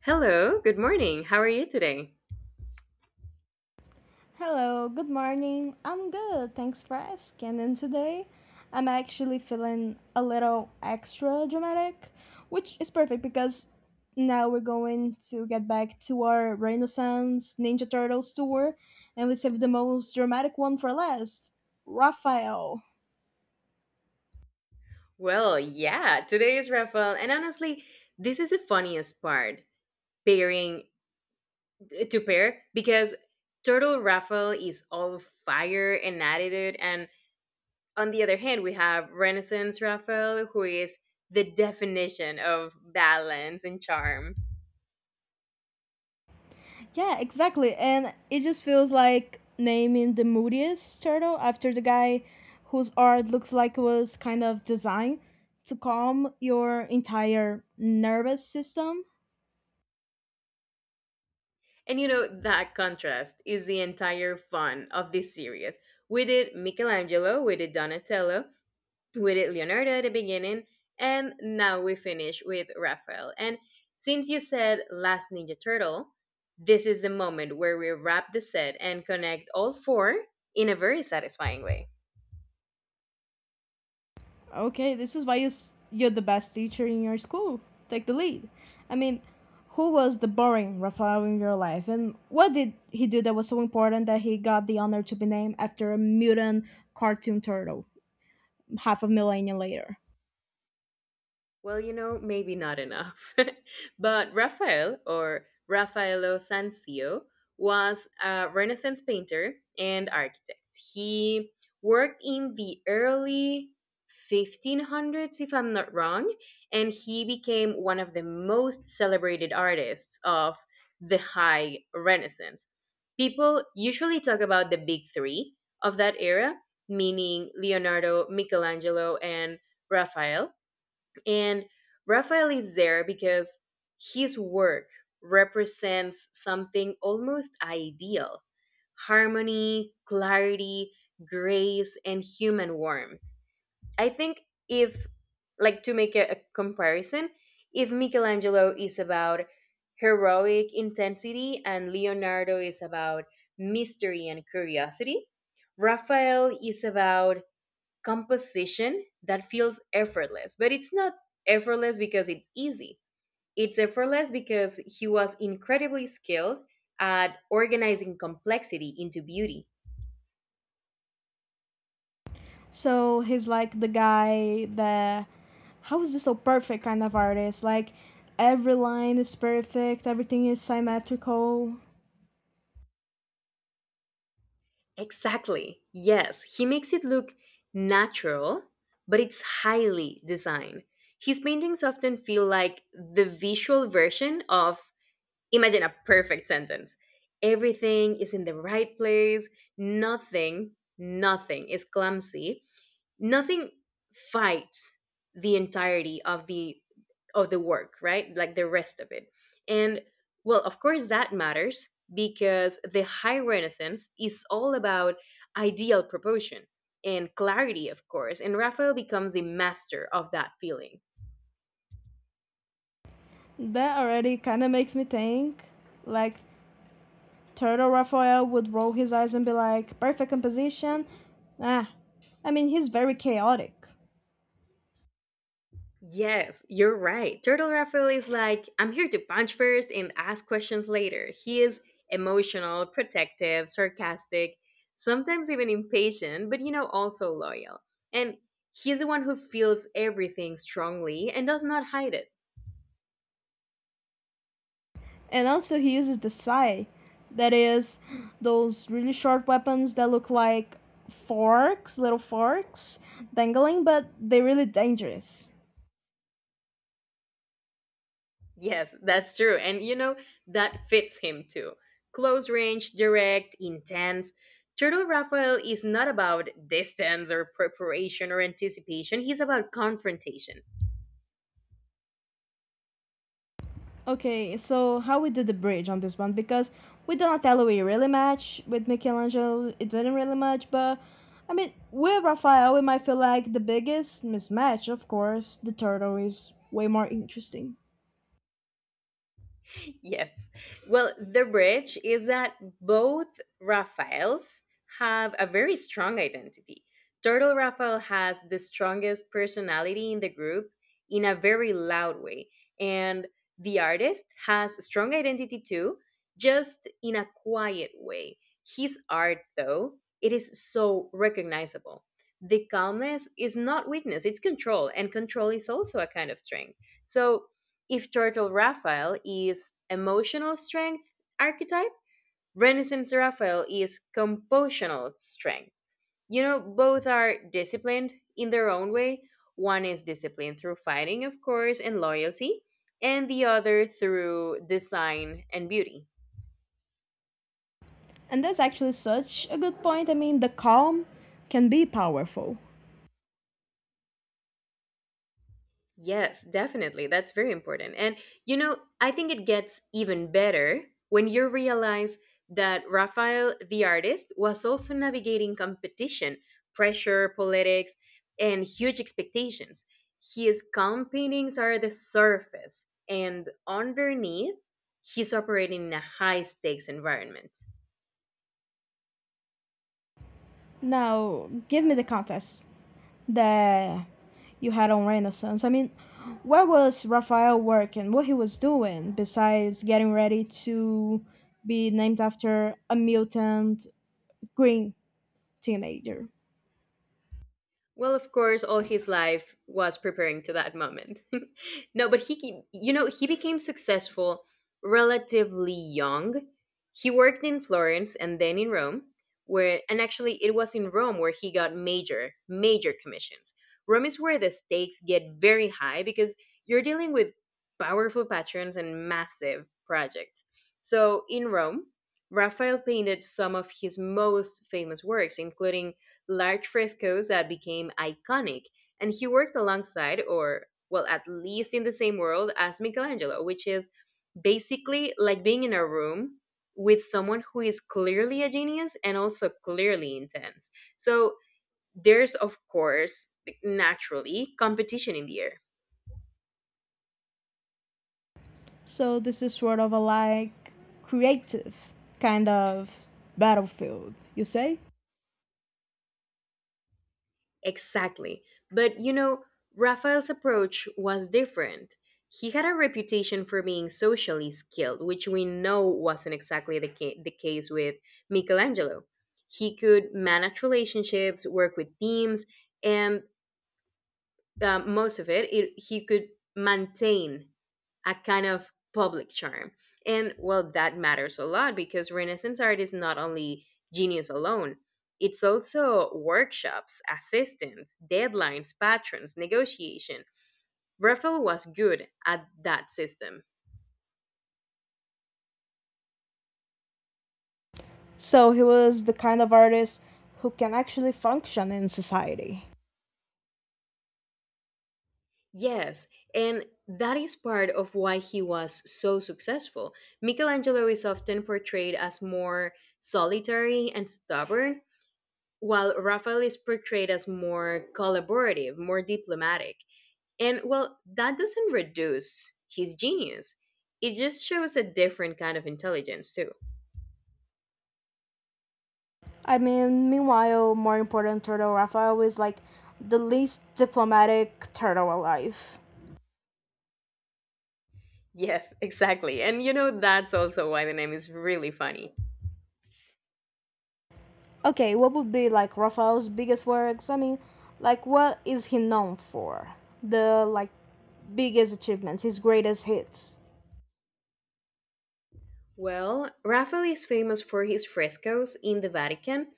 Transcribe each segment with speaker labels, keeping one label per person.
Speaker 1: Hello, good morning. How are you today?
Speaker 2: Hello, good morning. I'm good, thanks for asking. And today I'm actually feeling a little extra dramatic, which is perfect because now we're going to get back to our Renaissance Ninja Turtles tour and we saved the most dramatic one for last, Raphael.
Speaker 1: Well, yeah, today is Rafael. And honestly, this is the funniest part pairing to pair because Turtle Rafael is all fire and attitude. And on the other hand, we have Renaissance Rafael, who is the definition of balance and charm.
Speaker 2: Yeah, exactly. And it just feels like naming the moodiest turtle after the guy whose art looks like it was kind of designed to calm your entire nervous system.
Speaker 1: That contrast is the entire fun of this series. We did Michelangelo, we did Donatello, we did Leonardo at the beginning, and now we finish with Raphael. And since you said Last Ninja Turtle, this is the moment where we wrap the set and connect all four in a very satisfying way.
Speaker 2: Okay, this is why you're the best teacher in your school. Take the lead. I mean, who was the boring Raphael in your life? And what did he do that was so important that he got the honor to be named after a mutant cartoon turtle half a millennia later?
Speaker 1: Well, maybe not enough. But Raphael, or Raffaello Sanzio, was a Renaissance painter and architect. He worked in the early 1500s, if I'm not wrong, and he became one of the most celebrated artists of the High Renaissance. People usually talk about the big three of that era, meaning Leonardo, Michelangelo, and Raphael. And Raphael is there because his work represents something almost ideal: harmony, clarity, grace, and human warmth. I think if, like, to make a comparison, if Michelangelo is about heroic intensity and Leonardo is about mystery and curiosity, Raphael is about composition that feels effortless. But it's not effortless because it's easy. It's effortless because he was incredibly skilled at organizing complexity into beauty.
Speaker 2: So he's like the guy that, how is this so perfect kind of artist? Like every line is perfect, everything is symmetrical.
Speaker 1: Exactly. Yes, he makes it look natural, but it's highly designed. His paintings often feel like the visual version of "imagine a perfect sentence." Everything is in the right place. Nothing, nothing is clumsy. Nothing fights the entirety of the work, right? Like the rest of it. And well, of course that matters because the High Renaissance is all about ideal proportion and clarity, of course, and Raphael becomes the master of that feeling.
Speaker 2: That already kind of makes me think, like, Turtle Raphael would roll his eyes and be like, "Perfect composition." Ah, I mean, he's very chaotic,
Speaker 1: Yes, you're right. Turtle Raphael is like, "I'm here to punch first and ask questions later." He is emotional, protective, sarcastic, sometimes even impatient, but also loyal. And he's the one who feels everything strongly and does not hide it.
Speaker 2: and also he uses the sai, that is those really short weapons that look like forks, little forks dangling, but they're really dangerous.
Speaker 1: Yes, that's true. That fits him too. Close range, direct, intense. Turtle Raphael is not about distance or preparation or anticipation, he's about confrontation.
Speaker 2: Okay, so how we do the bridge on this one, because with Donatello we really match, with Michelangelo it didn't really match, but I mean with Raphael we might feel like the biggest mismatch. Of course, the turtle is way more interesting,
Speaker 1: Yes. Well, the bridge is that both Raphaels have a very strong identity. Turtle Raphael has the strongest personality in the group in a very loud way. And the artist has strong identity too, just in a quiet way. His art, though, it is so recognizable. The calmness is not weakness, it's control, and control is also a kind of strength. So if Turtle Raphael is emotional strength archetype, Renaissance Raphael is compositional strength. Both are disciplined in their own way. One is disciplined through fighting, of course, and loyalty, and the other through design and beauty.
Speaker 2: and that's actually such a good point. I mean, the calm can be powerful.
Speaker 1: Yes, definitely. That's very important. I think it gets even better when you realize that Raphael the artist was also navigating competition, pressure, politics, and huge expectations. His calm paintings are the surface, and underneath, he's operating in a high stakes environment.
Speaker 2: Now, give me the contest that you had on Renaissance. I mean, where was Raphael working? What he was doing besides getting ready to be named after a mutant green teenager?
Speaker 1: Well, of course, all his life was preparing to that moment. No, but he became successful relatively young. He worked in Florence and then in Rome, where, and actually, it was in Rome where he got major, major commissions. Rome is where the stakes get very high because you're dealing with powerful patrons and massive projects. So in Rome, Raphael painted some of his most famous works, including large frescoes that became iconic, and he worked alongside, or well, at least in the same world as Michelangelo, which is basically like being in a room with someone who is clearly a genius and also clearly intense. So there's, of course, naturally competition in the air.
Speaker 2: So this is sort of a like creative kind of battlefield, you say?
Speaker 1: Exactly. But Raphael's approach was different. He had a reputation for being socially skilled, which we know wasn't exactly the case with Michelangelo. He could manage relationships, work with teams, and most of it, he could maintain a kind of public charm. And well, that matters a lot because Renaissance art is not only genius alone, it's also workshops, assistants, deadlines, patrons, negotiation. Raphael was good at that system.
Speaker 2: So he was the kind of artist who can actually function in society.
Speaker 1: Yes, and that is part of why he was so successful. Michelangelo is often portrayed as more solitary and stubborn, while Raphael is portrayed as more collaborative, more diplomatic. And well, that doesn't reduce his genius. It just shows a different kind of intelligence, too.
Speaker 2: I mean, meanwhile, more important turtle Raphael is like the least diplomatic turtle alive.
Speaker 1: Yes, exactly. That's also why the name is really funny.
Speaker 2: Okay, what would be like Raphael's biggest works? I mean, like what is he known for? The like biggest achievements, his greatest hits.
Speaker 1: Well, Raphael is famous for his frescoes in the Vatican,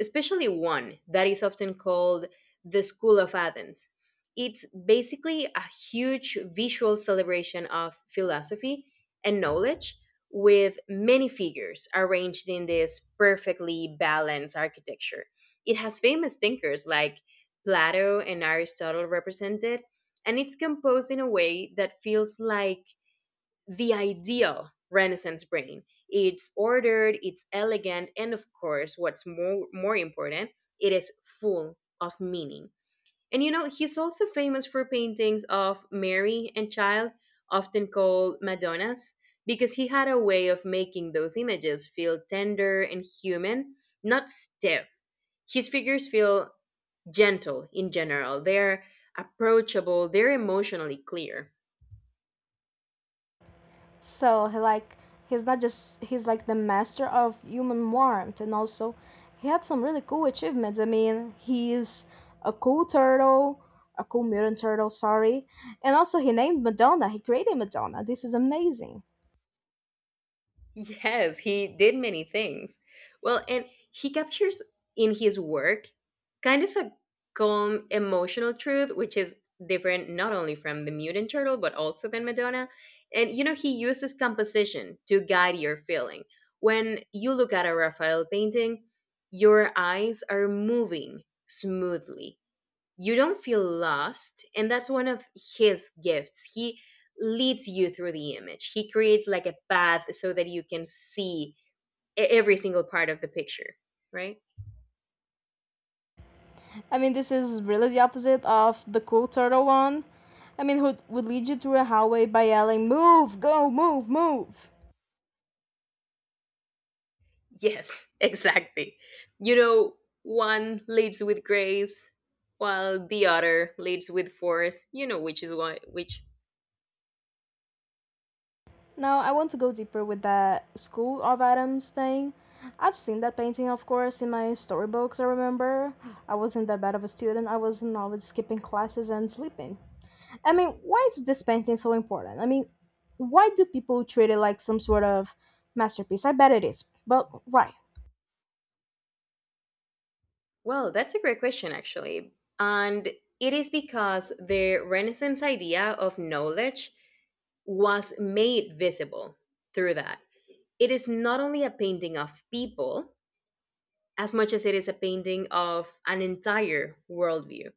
Speaker 1: especially one that is often called the School of Athens. It's basically a huge visual celebration of philosophy and knowledge, with many figures arranged in this perfectly balanced architecture. It has famous thinkers like Plato and Aristotle represented, and it's composed in a way that feels like the ideal Renaissance brain. It's ordered, it's elegant, and of course, what's more important, it is full of meaning. He's also famous for paintings of Mary and Child, often called Madonnas, because he had a way of making those images feel tender and human, not stiff. His figures feel gentle in general. They're approachable, they're emotionally clear.
Speaker 2: So he like, he's not just, he's like the master of human warmth and also he had some really cool achievements. I mean, he's a cool turtle, a cool mutant turtle, sorry. And also he named Madonna. He created Madonna. This is amazing.
Speaker 1: Yes, he did many things. Well, and he captures in his work kind of a calm emotional truth, which is different not only from the mutant turtle, but also than Madonna. He uses composition to guide your feeling. When you look at a Raphael painting, your eyes are moving smoothly, you don't feel lost, and that's one of his gifts. He leads you through the image, he creates like a path, so that you can see every single part of the picture, right?
Speaker 2: I mean, this is really the opposite of the cool turtle one. I mean, who would lead you through a hallway by yelling, "Move, go, move, move."
Speaker 1: Yes. Exactly. You know one leads with grace, while the other leads with force, you know which is what which
Speaker 2: Now, I want to go deeper with that School of Atoms thing. I've seen that painting, of course, in my storybooks, I remember. I wasn't that bad of a student, I was always skipping classes and sleeping. I mean, why is this painting so important? I mean, why do people treat it like some sort of masterpiece? I bet it is, but why?
Speaker 1: well, that's a great question, actually, and it is because the Renaissance idea of knowledge was made visible through that. It is not only a painting of people, as much as it is a painting of an entire worldview.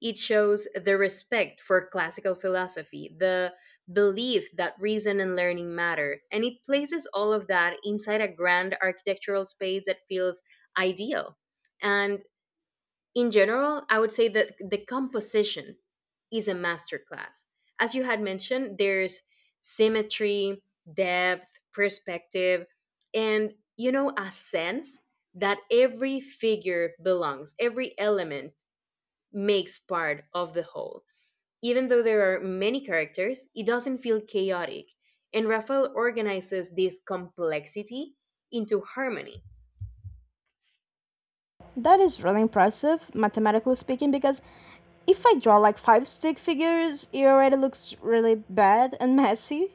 Speaker 1: It shows the respect for classical philosophy, the belief that reason and learning matter, and it places all of that inside a grand architectural space that feels ideal. And in general, I would say that the composition is a masterclass. As you had mentioned, there's symmetry, depth, perspective, and a sense that every figure belongs, every element makes part of the whole. Even though there are many characters, it doesn't feel chaotic. And Raphael organizes this complexity into harmony.
Speaker 2: That is really impressive, mathematically speaking, because if I draw like five stick figures, it already looks really bad and messy.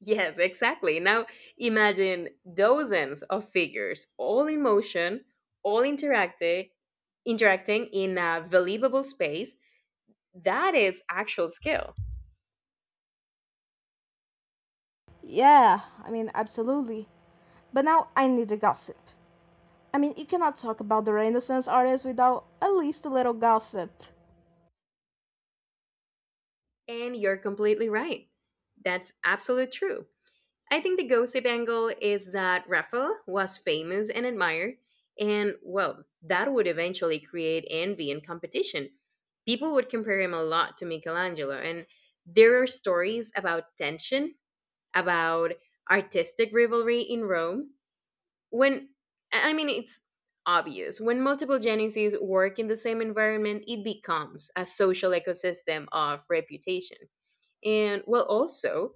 Speaker 1: Yes, exactly. Now imagine dozens of figures all in motion, all interacting in a believable space. That is actual skill.
Speaker 2: Yeah, I mean, absolutely. But now I need the gossip. I mean, you cannot talk about the Renaissance artists without at least a little gossip.
Speaker 1: And you're completely right. That's absolutely true. I think the gossip angle is that Raphael was famous and admired, and well, that would eventually create envy and competition. People would compare him a lot to Michelangelo, and there are stories about tension, about artistic rivalry in Rome. When, I mean, it's obvious. When multiple geneses work in the same environment, it becomes a social ecosystem of reputation. And, well, also,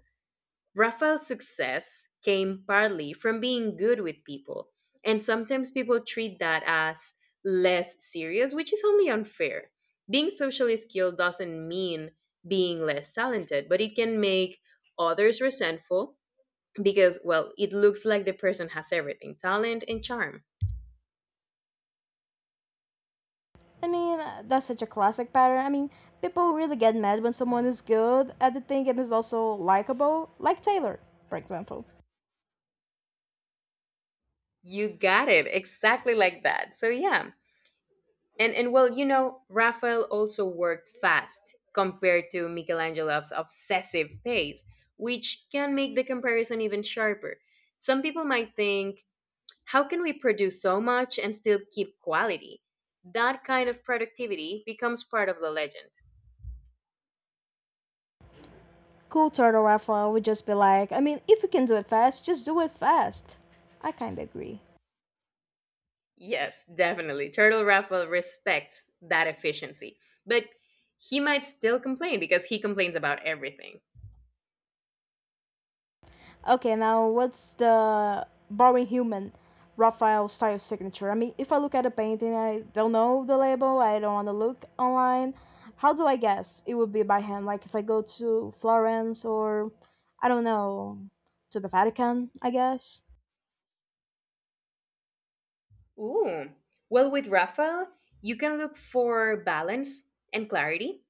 Speaker 1: Raphael's success came partly from being good with people. And sometimes people treat that as less serious, which is only unfair. Being socially skilled doesn't mean being less talented, but it can make others resentful, because well, it looks like the person has everything, talent and charm.
Speaker 2: I mean, that's such a classic pattern. I mean, people really get mad when someone is good at the thing and is also likable, like Taylor, for example.
Speaker 1: You got it exactly like that, so yeah. And well, Raphael also worked fast compared to Michelangelo's obsessive pace, which can make the comparison even sharper. Some people might think, how can we produce so much and still keep quality? That kind of productivity becomes part of the legend.
Speaker 2: Cool turtle raffle would just be like, I mean, if you can do it fast, just do it fast. I kind of agree.
Speaker 1: Yes, definitely. Turtle Raffle respects that efficiency. But he might still complain, because he complains about everything.
Speaker 2: Okay, now what's the boring human Raphael style signature? I mean, if I look at a painting, I don't know the label, I don't want to look online. How do I guess it would be by hand? Like if I go to Florence or, I don't know, to the Vatican, I guess.
Speaker 1: Ooh. Well, with Raffle, you can look for balance and clarity.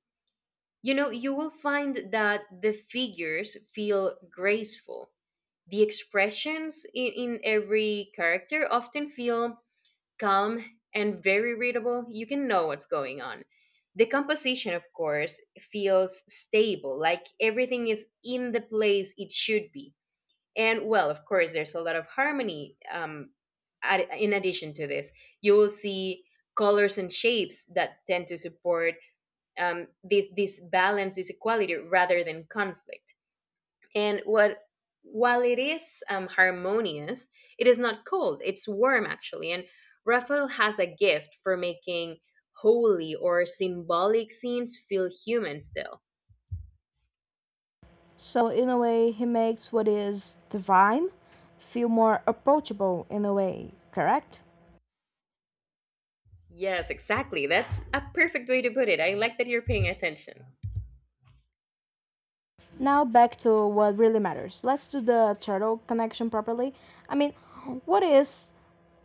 Speaker 1: You will find that the figures feel graceful. The expressions in every character often feel calm, and very readable, you can know what's going on. The composition, of course, feels stable, like everything is in the place it should be. And well, of course, there's a lot of harmony, in addition to this. You will see colors and shapes that tend to support this balance, this equality, rather than conflict. And what, while it is harmonious, it is not cold. It's warm actually. And Raphael has a gift for making holy or symbolic scenes feel human still.
Speaker 2: So, in a way, he makes what is divine feel more approachable, in a way, correct?
Speaker 1: Yes, exactly. That's a perfect way to put it. I like that you're paying attention.
Speaker 2: Now back to what really matters. Let's do the turtle connection properly. I mean, what is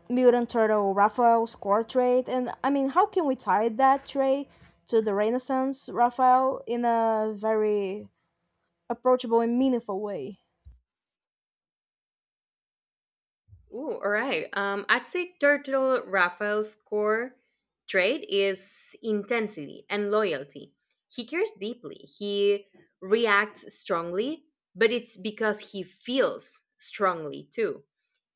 Speaker 2: mutant turtle Raphael's core trait, and I mean, how can we tie that trait to the Renaissance Raphael in a very approachable and meaningful way?
Speaker 1: Ooh, all right. I'd say Turtle Raphael's core trait is intensity and loyalty. He cares deeply. He reacts strongly, but it's because he feels strongly too.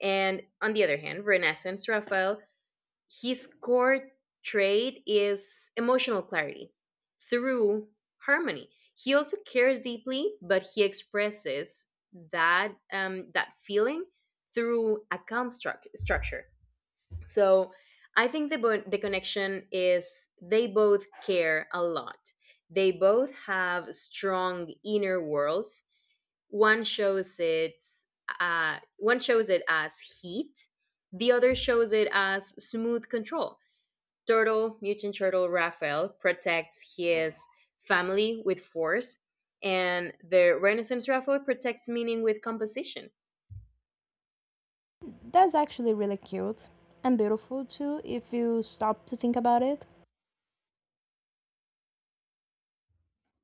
Speaker 1: And on the other hand, Renaissance Raphael, his core trait is emotional clarity through harmony. He also cares deeply, but he expresses that feeling through a construct structure. So I think the connection is they both care a lot. They both have strong inner worlds. One shows it one shows it as heat. The other shows it as smooth control. Turtle, mutant turtle Raphael, protects his family with force, and the Renaissance Raphael protects meaning with composition.
Speaker 2: That's actually really cute and beautiful too, if you stop to think about it.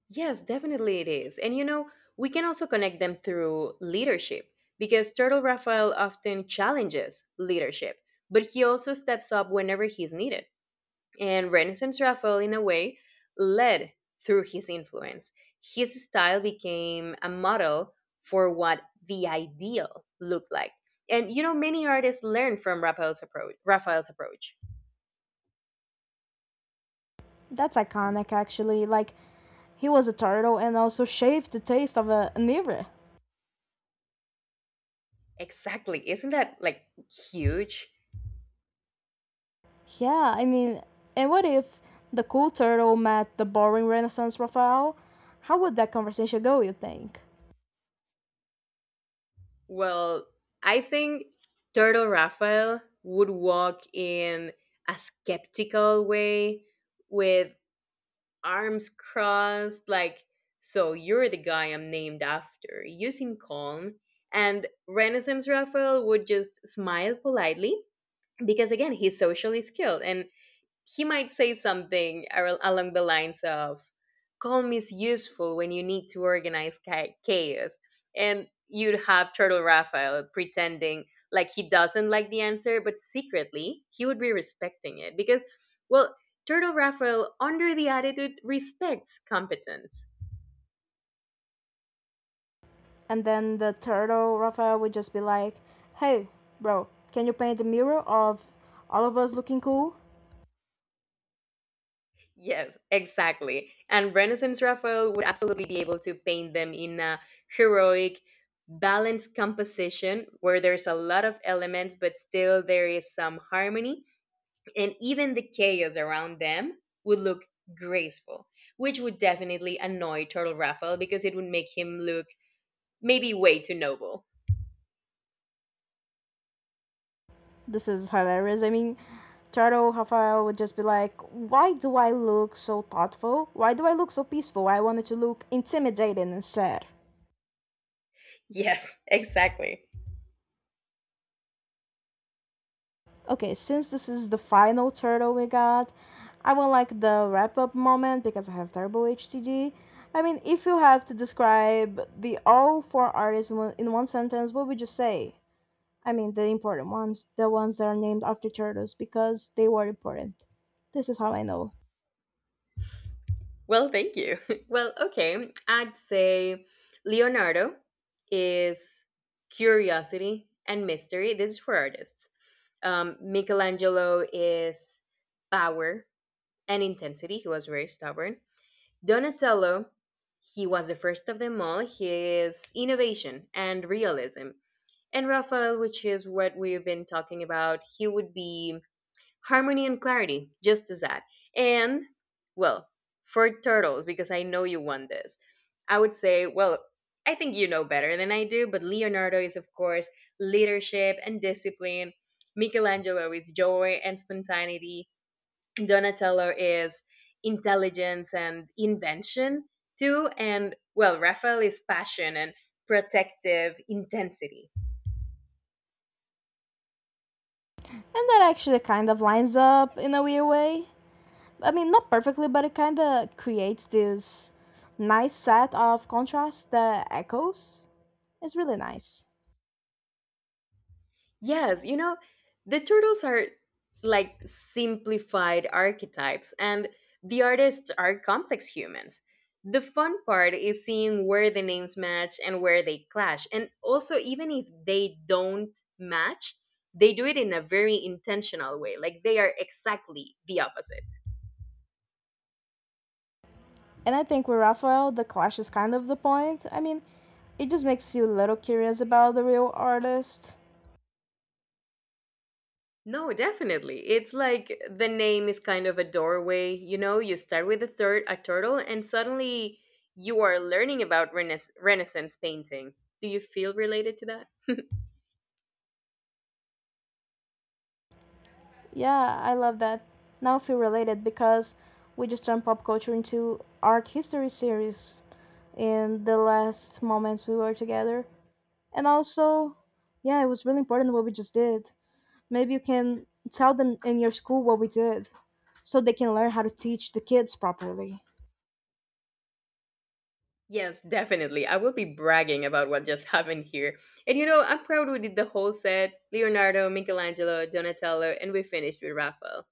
Speaker 1: Yes, definitely it is. And you know, we can also connect them through leadership because Turtle Raphael often challenges leadership, but he also steps up whenever he's needed. And Renaissance Raphael, in a way, led through his influence. His style became a model for what the ideal looked like. And you know, many artists learned from Raphael's approach. Raphael's approach.
Speaker 2: That's iconic, actually. Like, he was a turtle and also shaved the taste of a, an era.
Speaker 1: Exactly. Isn't that like huge?
Speaker 2: Yeah, I mean, and what if the cool turtle met the boring Renaissance Raphael? How would that conversation go, you think?
Speaker 1: Well, I think Turtle Raphael would walk in a skeptical way with arms crossed, like, so you're the guy I'm named after, using calm. And Renaissance Raphael would just smile politely because, again, he's socially skilled and he might say something along the lines of calm is useful when you need to organize chaos, and you'd have Turtle Raphael pretending like he doesn't like the answer, but secretly he would be respecting it because, well, Turtle Raphael under the attitude respects competence.
Speaker 2: And then the turtle Raphael would just be like, hey, bro, can you paint a mirror of all of us looking cool?
Speaker 1: Yes, exactly. And Renaissance Raphael would absolutely be able to paint them in a heroic, balanced composition where there's a lot of elements, but still there is some harmony. And even the chaos around them would look graceful, which would definitely annoy Turtle Raphael because it would make him look maybe way too noble.
Speaker 2: This is hilarious. I mean, turtle Raphael would just be like, why do I look so thoughtful? Why do I look so peaceful? I wanted to look intimidating instead.
Speaker 1: Yes, exactly.
Speaker 2: Okay, since this is the final turtle we got, I would like the wrap up moment because I have terrible HTG. Mean, if you have to describe the all four artists in one sentence, what would you say? I mean, the important ones, the ones that are named after turtles because they were important. This is how I know.
Speaker 1: Well, thank you. Well, okay. I'd say Leonardo is curiosity and mystery. This is for artists. Michelangelo is power and intensity. He was very stubborn. Donatello, he was the first of them all. He is innovation and realism. And Raphael, which is what we've been talking about, he would be harmony and clarity, just as that. And, well, for turtles, because I know you want this, I would say, well, I think you know better than I do, but Leonardo is, of course, leadership and discipline. Michelangelo is joy and spontaneity. Donatello is intelligence and invention, too. And, well, Raphael is passion and protective intensity.
Speaker 2: And that actually kind of lines up in a weird way. I mean, not perfectly, but it kind of creates this nice set of contrast that echoes. It's really nice.
Speaker 1: Yes, you know, the turtles are like simplified archetypes, and the artists are complex humans. The fun part is seeing where the names match and where they clash. And also, even if they don't match, they do it in a very intentional way. Like they are exactly the opposite.
Speaker 2: And I think with Raphael, the clash is kind of the point. I mean, it just makes you a little curious about the real artist.
Speaker 1: No, definitely. It's like the name is kind of a doorway. You know, you start with a third a turtle, and suddenly you are learning about Renaissance painting. Do you feel related to that?
Speaker 2: Yeah, I love that. Now I feel related because we just turned pop culture into art history series in the last moments we were together. And also, yeah, it was really important what we just did. Maybe you can tell them in your school what we did so they can learn how to teach the kids properly.
Speaker 1: Yes, definitely. I will be bragging about what just happened here. And you know, I'm proud we did the whole set Leonardo, Michelangelo, Donatello, and we finished with Raphael.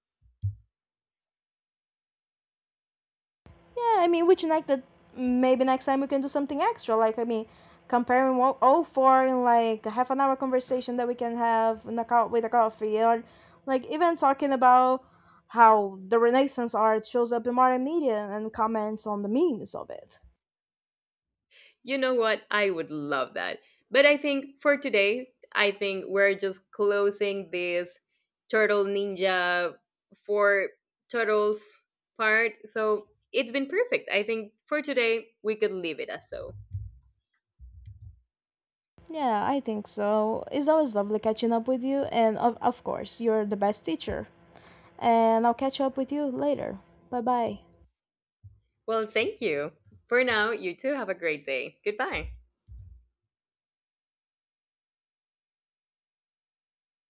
Speaker 2: Yeah, I mean, which like that maybe next time we can do something extra. Like I mean, comparing all four in like a half an hour conversation that we can have in a with a coffee, or like even talking about how the Renaissance art shows up in modern media and comments on the memes of it.
Speaker 1: You know what? I would love that. But I think for today, I think we're just closing this Turtle Ninja for Turtles part. So it's been perfect. I think for today, we could leave it as so.
Speaker 2: Yeah, I think so. It's always lovely catching up with you, and of course, you're the best teacher. And I'll catch up with you later. Bye bye.
Speaker 1: Well, thank you. For now, you too have a great day. Goodbye.